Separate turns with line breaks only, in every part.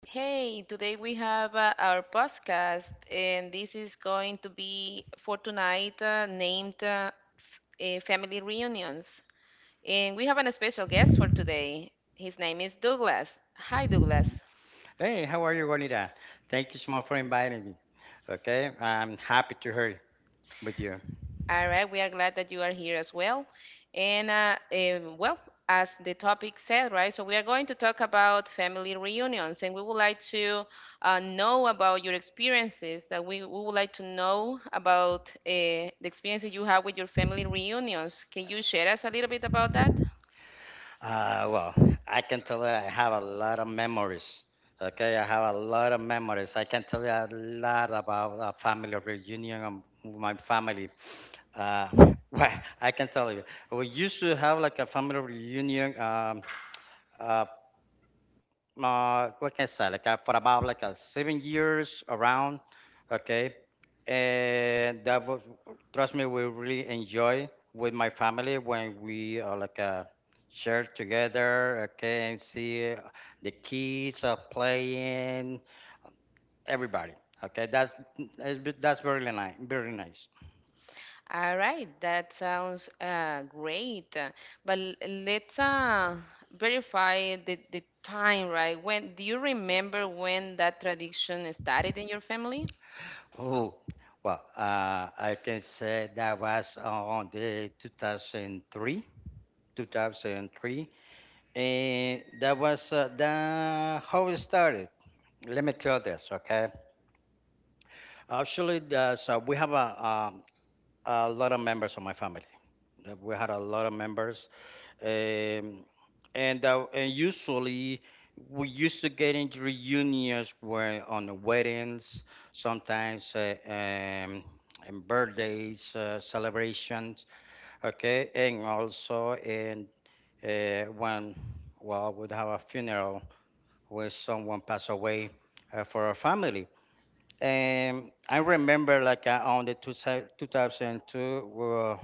Hey, today we have our podcast, and this is going to be for tonight, named Family Reunions. And we have a special guest for today. His name is Douglas. Hi, Douglas.
Hey, how are you, Juanita? Thank you so much for inviting me. Okay, I'm happy to hear with you.
All right, we are glad that you are here as well. And well, as the topic said, right, so we are going to talk about family reunions, and we would like to know about your experiences, that we would like to know about the experiences you have with your family reunions. Can you share us a little bit about that?
Uh, well, I can tell you I have a lot of memories. Okay, I have a lot of memories. I can tell you a lot about a family reunion of my family. Uh, well, I can tell you, we used to have like a family reunion uh, what can I say? Like for about like 7 years around, okay. And that was, trust me, we really enjoy with my family when we like share together, okay, and see the kids playing, everybody. Okay, that's very nice, very nice.
All right, that sounds great. But let's verify the time, right? When do you remember when that tradition started in your family?
Oh, well, I can say that was on the 2003, 2003. And that was the how it started. Let me tell this, okay? Actually, there's, so we have um a lot of members of my family. We had a lot of members, um, and and usually we used to get into reunions where on the weddings, sometimes and birthdays, celebrations, okay, and also in when well we'd have a funeral where someone passed away for our family. And I remember, like, on the 2002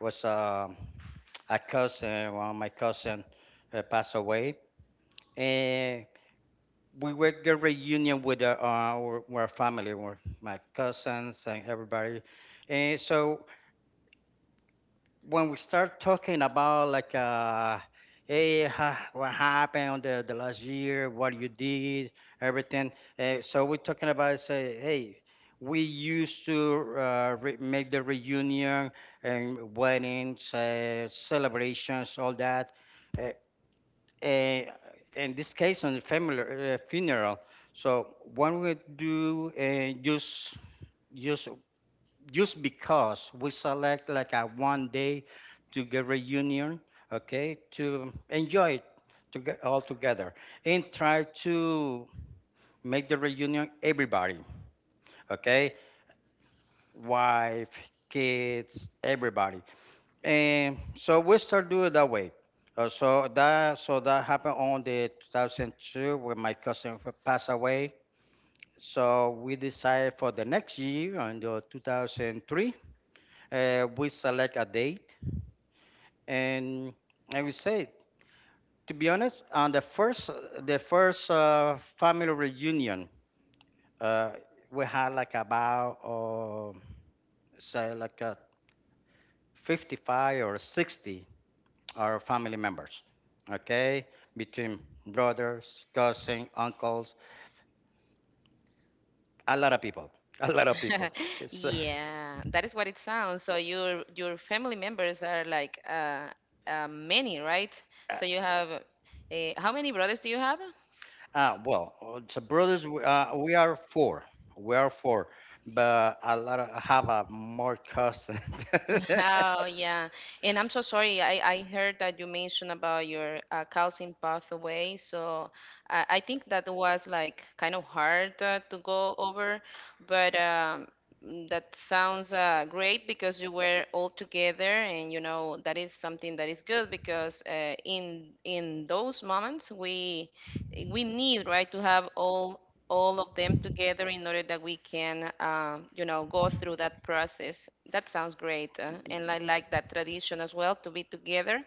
was a cousin, one of my cousin passed away. And we were get reunion with our family, with my cousins and everybody. And so when we start talking about like hey what happened on the last year, what you did everything, so we're talking about, say, hey, we used to make the reunion and weddings, celebrations, all that, uh, uh, in this case on the family, funeral, so when we do use just because we select like a one day to get reunion, okay, to enjoy it, to get all together and try to make the reunion everybody, okay, wife, kids, everybody. And so we start doing it that way. So that happened on the 2002 when my cousin passed away. So we decided for the next year, on the 2003, we select a date, and I would say, to be honest, on the first family reunion, uh, we had like about, say like, 55 or 60 our family members. Okay, between brothers, cousins, uncles, a lot of people, a lot of people. It's
Yeah, that is what it sounds. So your family members are like, many, right?
uh,
So you have, how many brothers do you have?
well, so brothers, we are four, but a lot of, I have a more cousins.
Oh, yeah. And I'm so sorry. I heard that you mentioned about your, cousin passed away. So I think that was like kind of hard, to go over, but that sounds great because you were all together, and you know that is something that is good because, in those moments we need, right, to have all of them together in order that we can, go through that process. That sounds great, and I like that tradition as well to be together.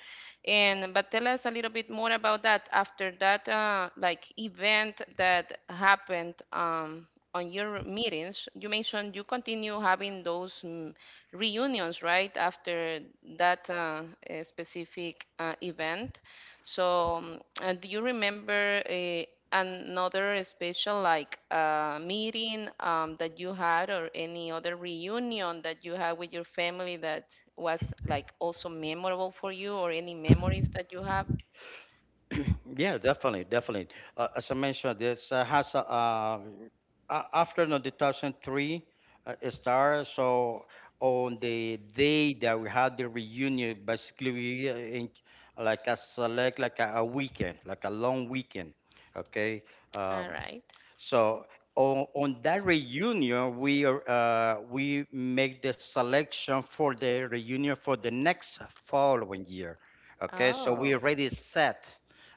And but tell us a little bit more about that after that, like event that happened, on your meetings. You mentioned you continue having those, reunions, right, after that specific event. So, do you remember, another special like meeting, that you had, or any other reunion that you had with your family that was like also memorable for you, or any memories that you have?
Yeah, definitely, definitely. As I mentioned, this has a, after the 2003 it started. So on the day that we had the reunion, basically we like a select like a weekend, like a long weekend. Okay.
All
um,
right.
so on that reunion, we are, we make the selection for the reunion for the next following year. Okay, so we
Oh,
already set.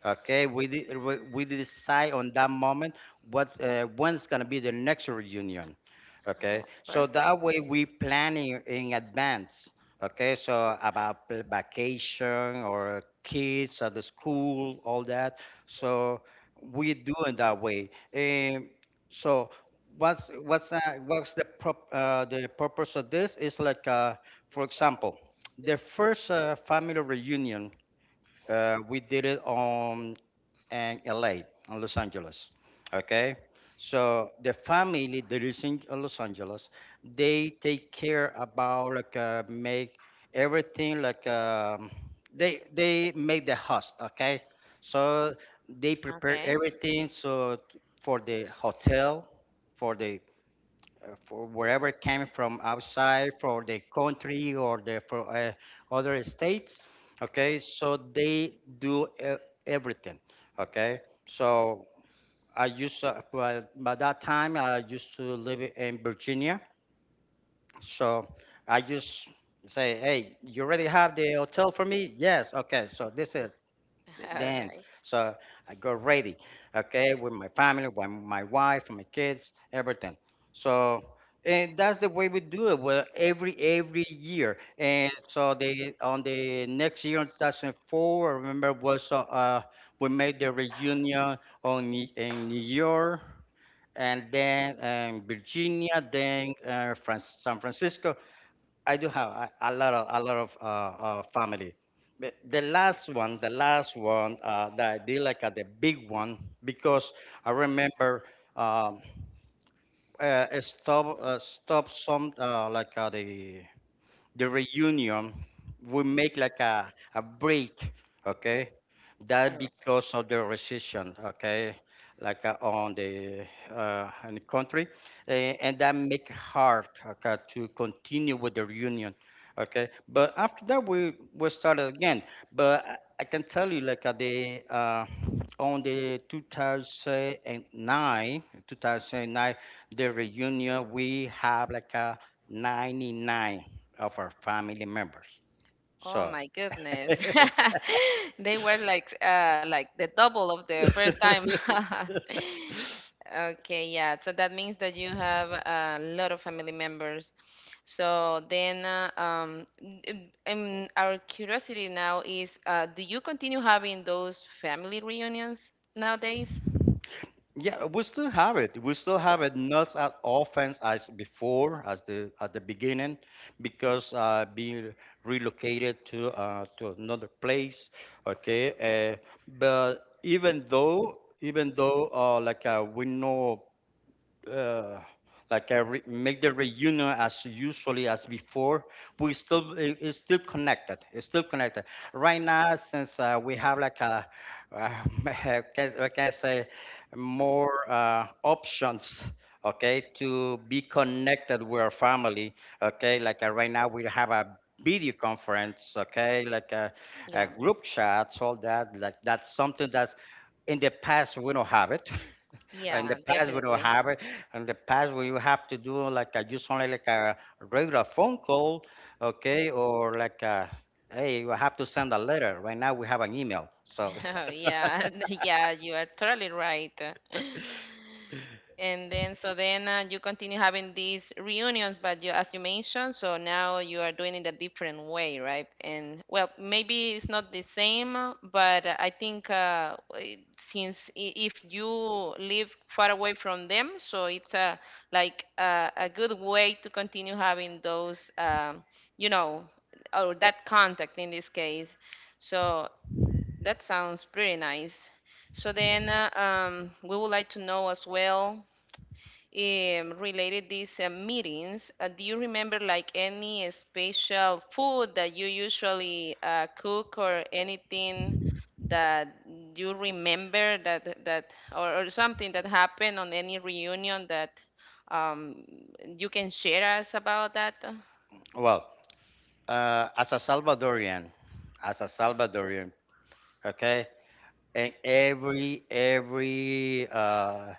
Okay, we decide on that moment what, when's gonna be the next reunion.
oh,
Okay, so
perfect.
that way we planning in advance. Okay, so about vacation or kids at the school, all that. So we do it that way. So what's what's uh, the purpose of this is like, for example, the first family reunion we did it on, in LA, in Los Angeles. Okay, so the family that is in Los Angeles, they take care about like make everything like, they make the host. Okay, so they prepare
Okay.
everything, for the hotel, for the for wherever came from outside for the country or the, for other states, okay, so they do everything, okay, so I used to, by that time I used to live in Virginia, so I just say, hey, you already have the hotel for me? Yes, okay, so
All
then
right.
so I got ready, okay, with my family, with my wife, my kids, everything. So, and that's the way we do it, well, every year. And so they, on the next year in 2004, I remember was we made the reunion on, in New York, and then, Virginia, then, San Francisco. I do have a lot of, family. But the last one that I did like, the big one, because I remember, um, stop stop some, like the reunion, we make like a break, okay, that because of the recession, okay, like, on the in the country, and that make hard, okay, to continue with the reunion, okay, but after that we started again, but I can tell you like, the on the 2009, 2009, the reunion we have like a 99 of our family members.
Oh
So
my goodness. They were like, like the double of the first time. Okay, yeah. So that means that you have a lot of family members. So then, our curiosity now is, do you continue having those family reunions nowadays?
yeah, we still have it. We still have it, not as often as before, as the at the beginning, because, being relocated to, to another place. Okay, but even though, even though, like, we know uh, like a re- make the reunion as usually as before. We still it's still connected. It's still connected right now, since we have like a, uh, I can say more options. Okay, to be connected with our family. Okay, like, right now we have a video conference. Okay, like a
Yeah.
group chat, all that. Like, that's something that's in the past, we don't have it in the
Yeah,
past, we don't
definitely.
have it. In the past, we, you have to do like just only like a, regular phone call, okay, or like hey, you have to send a letter. Right now, we have an email. So,
Yeah. Yeah, you are totally right. And then, so then, you continue having these reunions, but you, as you mentioned, so now you are doing it a different way, right? And well, maybe it's not the same, but I think if you live far away from them, so it's a like a good way to continue having those, you know, or that contact in this case. So that sounds pretty nice. So then, we would like to know as well, related these meetings. Do you remember like any special food that you usually, cook or anything that you remember that or something that happened on any reunion that, um, you can share us about that?
well, uh, as a Salvadorian, as a Salvadorian, okay, and every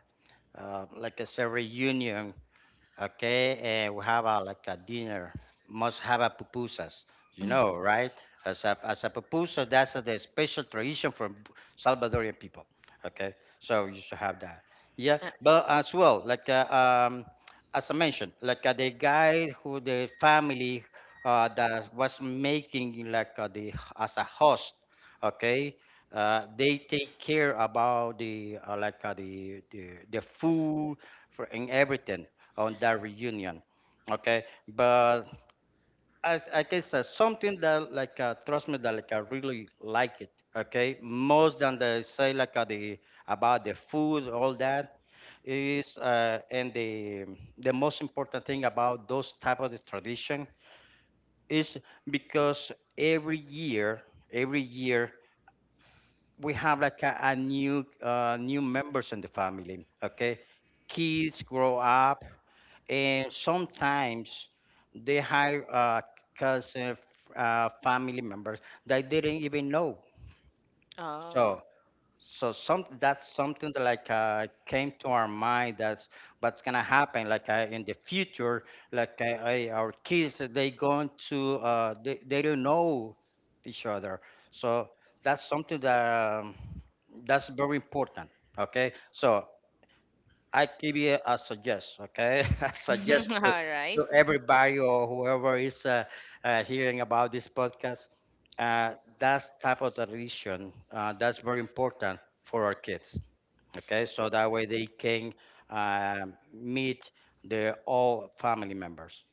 like I said, reunion. Okay, and we have a, like a dinner. Must have a pupusas, you know, right? As a, as a pupusa, that's the special tradition from Salvadorian people. Okay, so you should have that. Yeah, but as well, like, as I mentioned, like the guy who the family, that was making like the as a host. Okay, they take care about the, like, the food for and everything on that reunion. Okay, but as, like I guess something that like, trust me that, like, I really like it. Okay, most than they say, like, the, about the food, all that, is and the most important thing about those type of the tradition is because every year, every year we have like a new, new members in the family, okay, kids grow up, and sometimes they have cousin f- family members that they didn't even know. so
Oh.
so some that's something that, like, came to our mind, that's what's gonna happen, like, in the future, like, our kids, they going to, they don't know each other. So that's something that, that's very important, okay, so I give you a suggest, okay? I suggest
All right.
to everybody or whoever is hearing about this podcast, uh, that type of tradition, that's very important for our kids, okay? So that way they can uh, meet their all family members.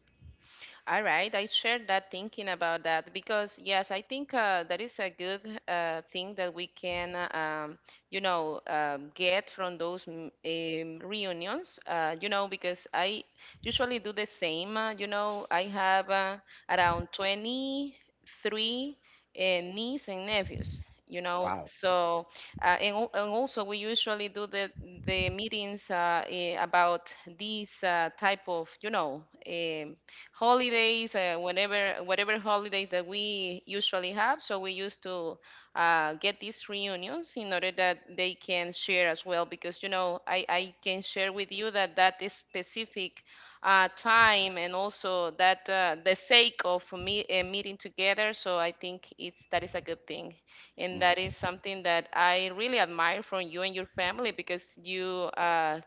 All right, I share that thinking about that because yes, I think that is a good thing that we can, um, get from those, reunions. Because I usually do the same. I have, around 23 nieces and nephews.
Wow.
So, and also we usually do the meetings, about these type of. Holidays, whenever whatever holidays that we usually have. So we used to, get these reunions in order that they can share as well, because you know I can share with you that that is specific time and also that, the sake of me, meeting together. So I think it's that is a good thing, and
Mm.
that is something that I really admire from you and your family because you. Uh,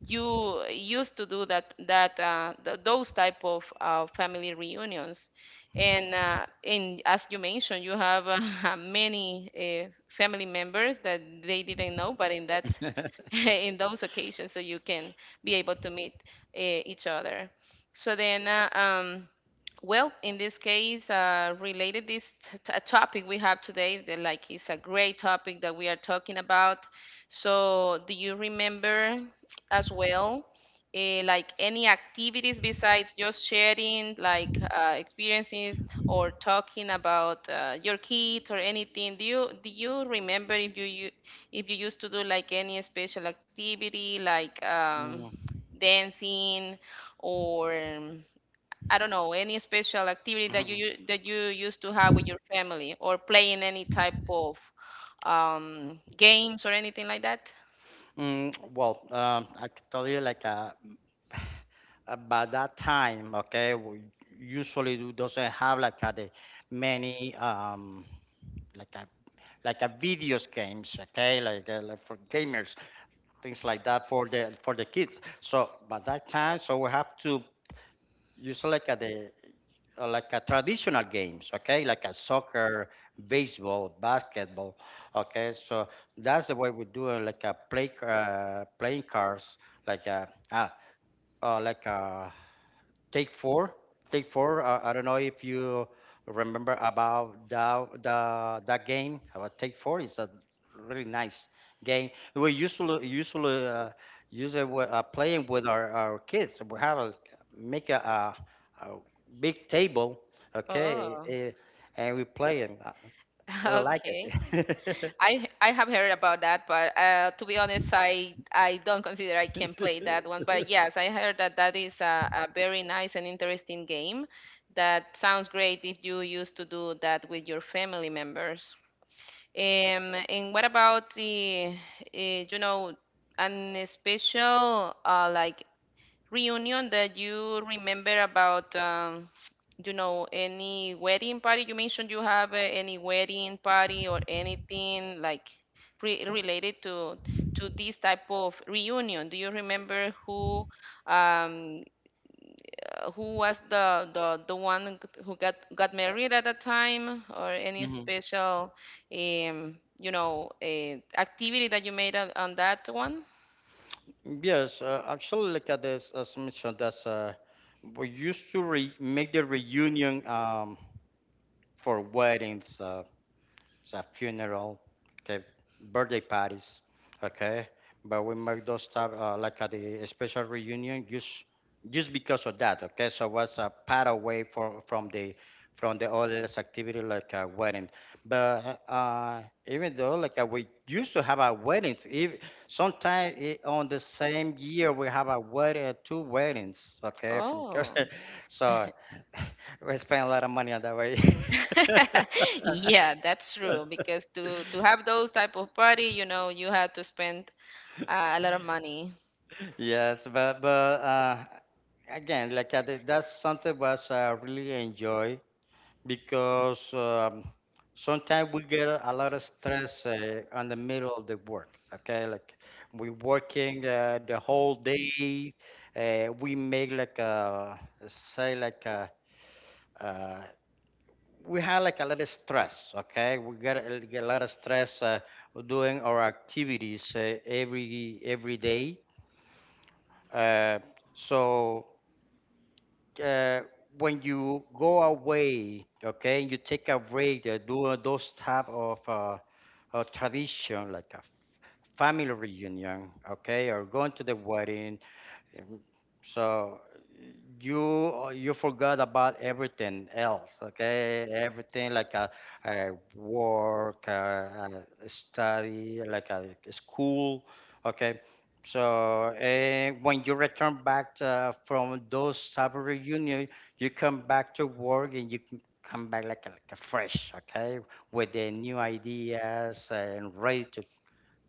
you used to do those type of family reunions and as you mentioned you have, many family members that they didn't know, but in that in those occasions, so you can be able to meet, uh, each other. So then, well, in this case, related this topic we have today, like it's a great topic that we are talking about. So, do you remember as well, like any activities besides just sharing like, experiences or talking about your kids or anything? Do you remember if if you used to do like any special activity like,
Mm.
dancing or, I don't know, any special activity that
Mhm.
that you used to have with your family or playing any type of, games or anything like that?
Mm, well, I can tell you, like, by that time, okay, we usually doesn't have like the many, like a like a videos games, okay, like for gamers, things like that for the kids. So by that time, so we have to use, like a, the like a traditional games, okay, like a soccer, baseball, basketball, okay. So that's the way we do it, like a play, playing cards, like a like, Take four, take four. I don't know if you remember about that, the that game. About take four is a really nice game. We usually usually use it with, playing with our kids. We have a make a, a big table, okay,
Oh,
and we play, and we like
okay.
it.
I have heard about that, but, to be honest, I don't consider I can play that one. But yes, I heard that that is a very nice and interesting game. That sounds great if you used to do that with your family members. And what about uh, you know, an special like reunion that you remember about, any wedding party? You mentioned you have, any wedding party or anything like re related to this type of reunion. Do you remember who, um, who was the one who got married at that time, or any
Mhm.
special, activity that you made on that one?
Yes, actually, look at this. As mentioned, that's we used to make the reunion. For weddings, a funeral, okay, birthday parties, okay. But we make those type, like, at the special reunion, just because of that, okay. So was a part away from, from the other activity like a wedding. But even though we used to have our weddings, if sometimes on the same year we have a wedding, two weddings, okay, from
Oh.
so we spend a lot of money on that way.
Yeah, that's true. Because to have those type of party, you know, you had to spend, a lot of money.
Yes, but again, like I did, that's something was I really enjoy because sometimes we get a lot of stress on the middle of the work. Okay, like we working the whole day. We make like a say like a. Uh, we have like a lot of stress, okay? We get a lot of stress doing our activities every day. Uh, so uh, when you go away, okay, you take a break, do those type of tradition like a family reunion, okay, or going to the wedding um, so you you forgot about everything else, okay? Everything like a work, a study, like school, okay? So and when you return back from those summer reunion, you come back to work and you come back like a fresh, okay? With the new ideas and ready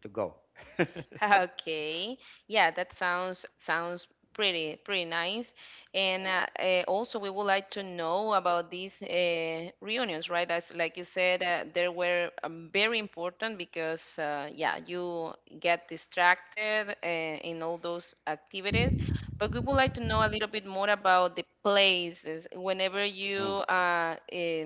to go.
Okay. Yeah, that sounds pretty nice. And, also, we would like to know about these, reunions, right? As like you said, they were, very important because, yeah, you get distracted, in all those activities. But we would like to know a little bit more about the places. Whenever you
Mm.
uh, uh,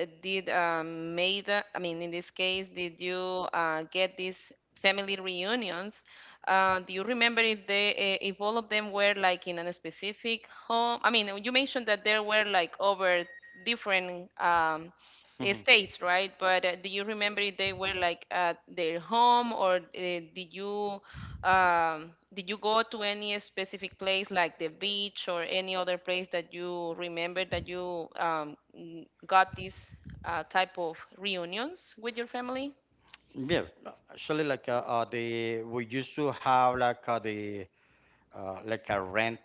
did made I mean, in this case, did you, get these family reunions, do you remember if they, if all of them were like in a specific home? I mean, you mentioned that there were like over different,
hmm
states, right, but, do you remember if they were like at their home, or did you, did you go to any specific place like the beach or any other place that you remember that you, got these, type of reunions with your family?
Yeah, no, actually, like the we used to have like a rent,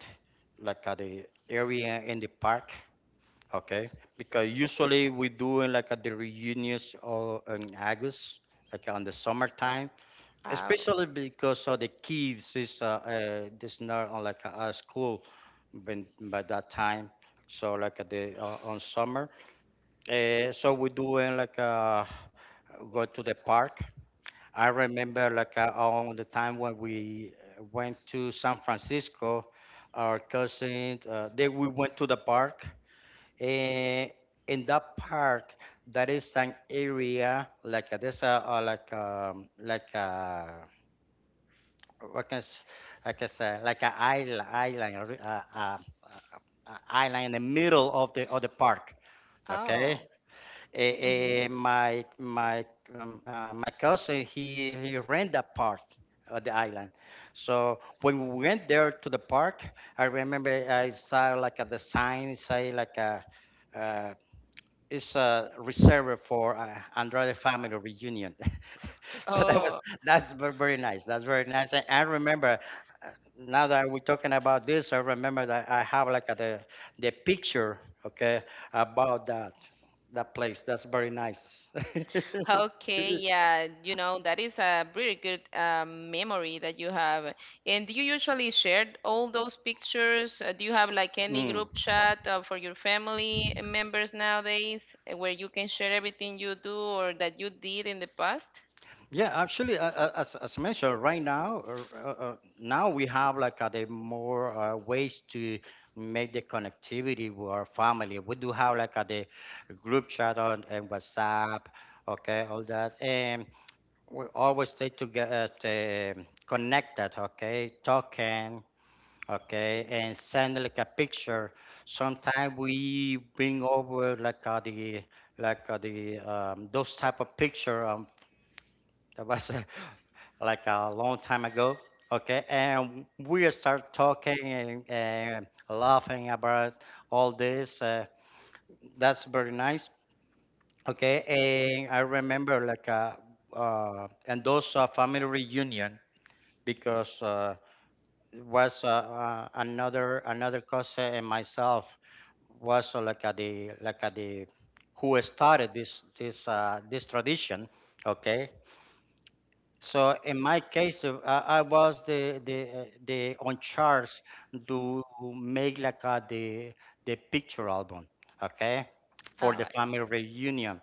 the area in the park. Okay, because usually we do in the reunions or in August, on the summertime,
Oh,
especially because of the kids is this not on like a school, when by that time. So like the on summer. So we doing go to the park. I remember on the time when we went to San Francisco, our cousins they we went to the park. And in that park, that is an area like this like what can I like I say like an island in the middle of the park. Okay,
oh.
Eh,
Mhm.
my my cousin he ran that part of the island. So when we went there to the park, I remember I saw like a the sign say like a uh, it's a reserve for Andrade family reunion. So that
Oh,
was very nice. That's very nice. And I remember uh, now that we're talking about this, I remember that I have like a, the picture, okay, about that place. That's very nice.
okay, yeah, that is a pretty good, memory that you have. And do you usually share all those pictures? Do you have like any
Mm.
group chat, for your family members nowadays, where you can share everything you do or that you did in the past?
Yeah, actually, as mentioned, right now, now we have the more ways to make the connectivity with our family. We do have the group chat on and WhatsApp, okay, all that, and we always stay together, connected, okay, talking, okay, and send like a picture. Sometimes we bring over like the like the those type of picture that was like a long time ago, okay, and we start talking and laughing about all this. That's very nice, okay, and I remember and those family reunion because was another another cause and myself was like at the who started this this tradition. Okay, so in my case, I was the the on charge to make the picture album. Okay,
Oh,
for the
I see.
family reunion.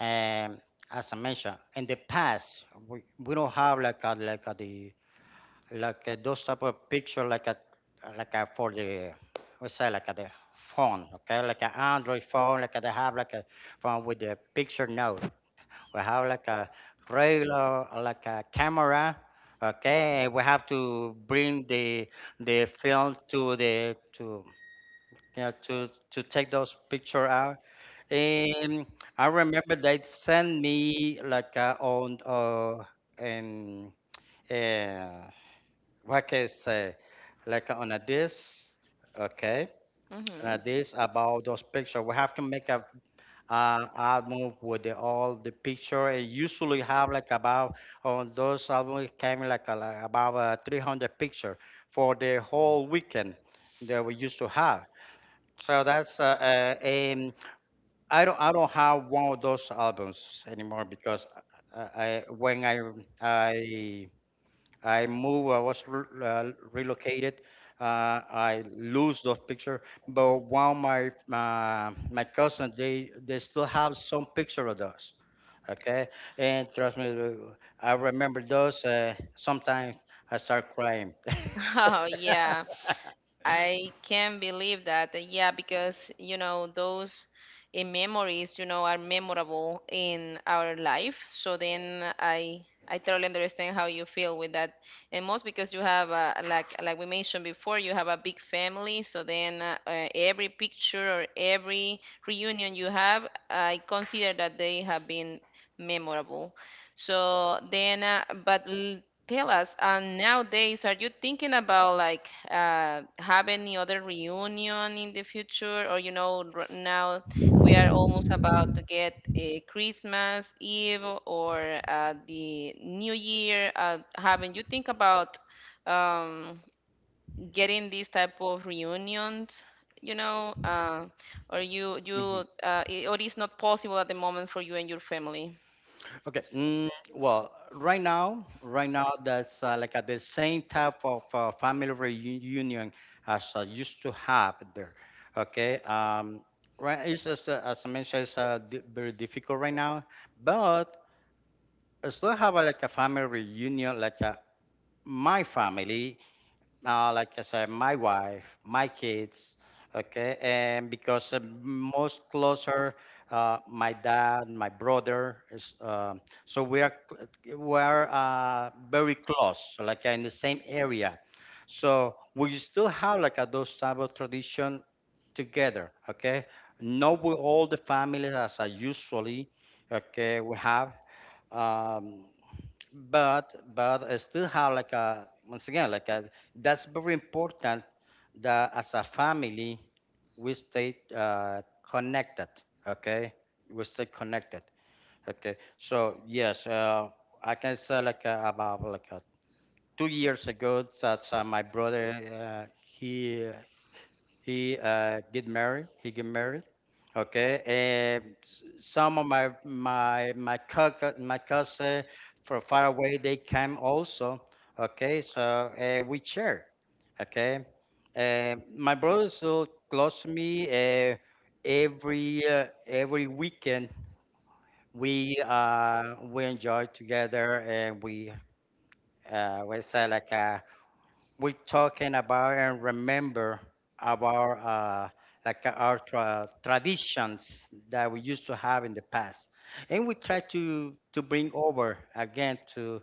Um, as I mentioned, in the past, we don't have like a, the like those type of picture like a for the what's that like a the phone okay like an android phone like a, they have like a phone with the picture now we have like a regular like a camera okay we have to bring the film to the to you know, to take those picture out and I remember they sent me like on and uh, what can I say? Like on a this, okay, on
Mm-hmm.
a this about those pictures. We have to make a album with the, all the picture. It usually have like about on those albums it came like, a, like about 300 picture for the whole weekend that we used to have. So that's um, I don't have one of those albums anymore because I when I I moved, I was relocated. I lose those picture, but while my cousin they still have some picture of those. Okay, and trust me, I remember those. Sometimes I start crying.
Oh, yeah. I can not believe that. Yeah, because you know those, memories, are memorable in our life. So then I totally understand how you feel with that, and most because you have a, like we mentioned before, you have a big family. So then, every picture or every reunion you have, I consider that they have been memorable. So then, but tell us, nowadays, are you thinking about like, have any other reunion in the future? Or you know, now we are almost about to get a Christmas Eve or, the New Year. Haven't you think about, um, getting these type of reunions? You know, or or it's not possible at the moment for you and your family?
Okay. Mm, well, right now, right now that's like the same type of family reunion as I used to have there. Okay. Right. It's as I mentioned, it's very difficult right now, but I still have like a family reunion, my family now, like I said, my wife, my kids, okay, and because most closer, my dad, my brother is, so we are we are very close, so like in the same area. So we still have like a, those type of tradition together, okay? Not with all the families as I usually, okay, we have. Um, but I still have like a once again like a that's very important that as a family we stay connected okay we stay connected okay so yes I can say about 2 years ago that my brother he he get married. He get married. Okay, and some of my my cousin from far away they came also. Okay, so and we share. Okay, and my brother so close to me. Uh, every every weekend we enjoy together and we say like we're talking about and remember about like our traditions that we used to have in the past, and we try to bring over again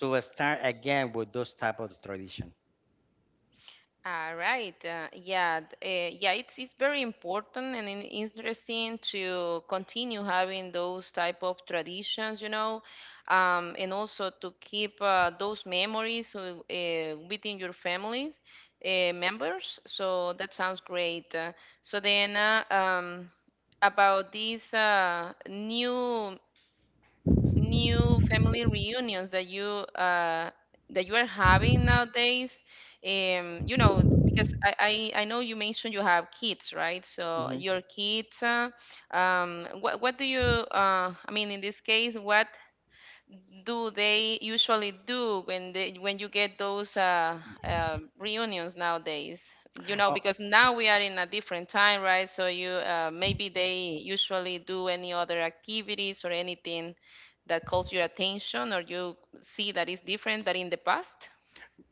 to start again with those type of tradition.
Ah, right. Yeah, yeah. It's very important and interesting to continue having those type of traditions, and also to keep, those memories, within your families, members. So that sounds great. So then, about these, new family reunions that you, that you are having nowadays, because I know you mentioned you have kids, right, so
Mhm.
your kids, what do you, I mean, in this case, what do they usually do when they when you get those, reunions nowadays? You know,
Oh,
because now we are in a different time, right? So you maybe they usually do any other activities or anything that calls your attention, or you see that is different than in the past.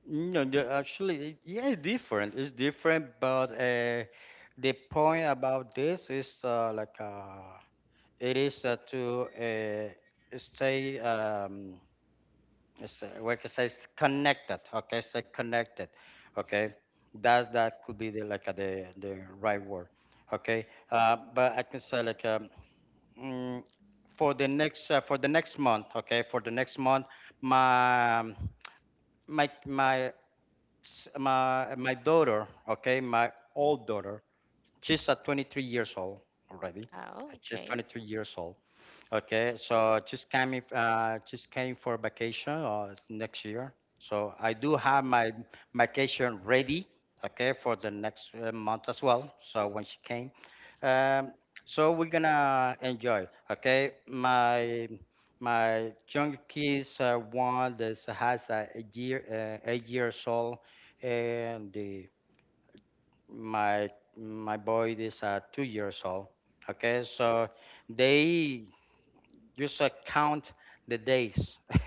no, no, actually, yeah, it's different. It's different, but the point about this is it is to stay. It's what it says connected. Okay, say connected. Okay, that that could be the the right word. Okay, but I can say mm, for the next month. Okay, for the next month, my my my my daughter. Okay, my old daughter. She's 23 years old already.
Oh,
She's
okay.
23 years old. Okay, so just coming, just came for vacation or next year. So I do have my vacation ready, okay, for the next month as well. So when she came, um, so we're gonna enjoy. Okay, my young kids, one that has a year, 8 years old, and the my my boy is 2 years old. Okay, so they just count the days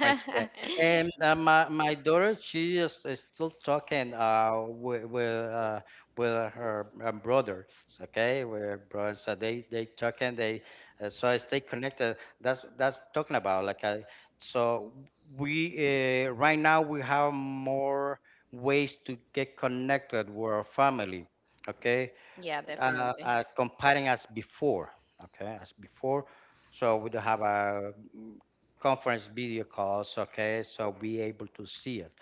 when she And my my daughter, she is still talking with with her brothers, okay, with her brothers. So they talking they so I stay connected. That's talking about like I so we right now we have more ways to get connected with our family, okay
Yeah, definitely.
comparing as before, okay, as before. So we do have a conference video calls, okay, so be able to see it,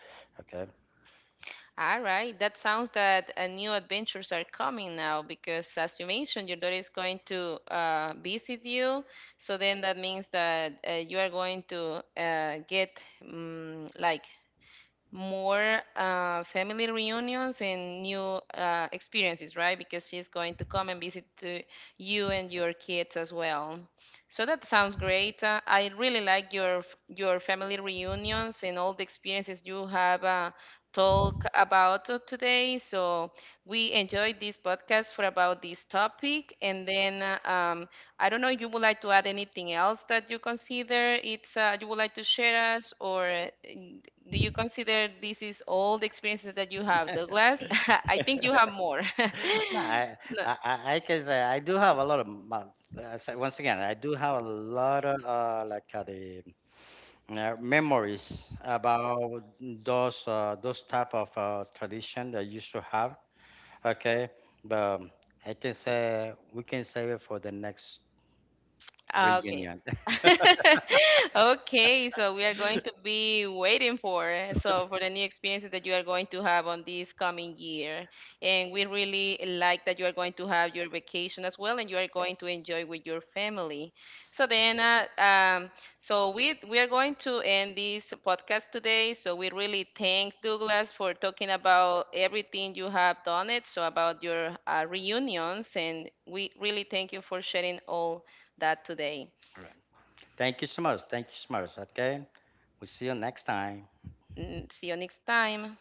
okay.
All right, that sounds that, new adventures are coming now because, as you mentioned, your daughter is going to, visit you. So then that means that, you are going to, get, like more, family reunions and new, experiences, right? Because she's going to come and visit to you and your kids as well. So that sounds great. I really like your family reunions and all the experiences you have, talked about, today. So we enjoyed this podcast for about this topic, and then, I don't know if you would like to add anything else that you consider it's, you would like to share us, or, do you consider this is all the experiences that you have, Douglas? I think you have more.
Nah, I,
No.
I, I I can say I do have a lot of month. So once again, I do have a lot of like the memories about those type of tradition that I used to have. Okay, but I can say we can save it for the next
Ah, okay.
reunion.
Okay, so we are going to be waiting for, for the new experiences that you are going to have on this coming year. And we really like that you are going to have your vacation as well and you are going to enjoy with your family. So then, so we are going to end this podcast today. So we really thank Douglas for talking about everything you have done it, so about your, reunions, and we really thank you for sharing all that today.
All right. Thank you so much. Thank you so much. Okay. We'll see you next time.
See you next time.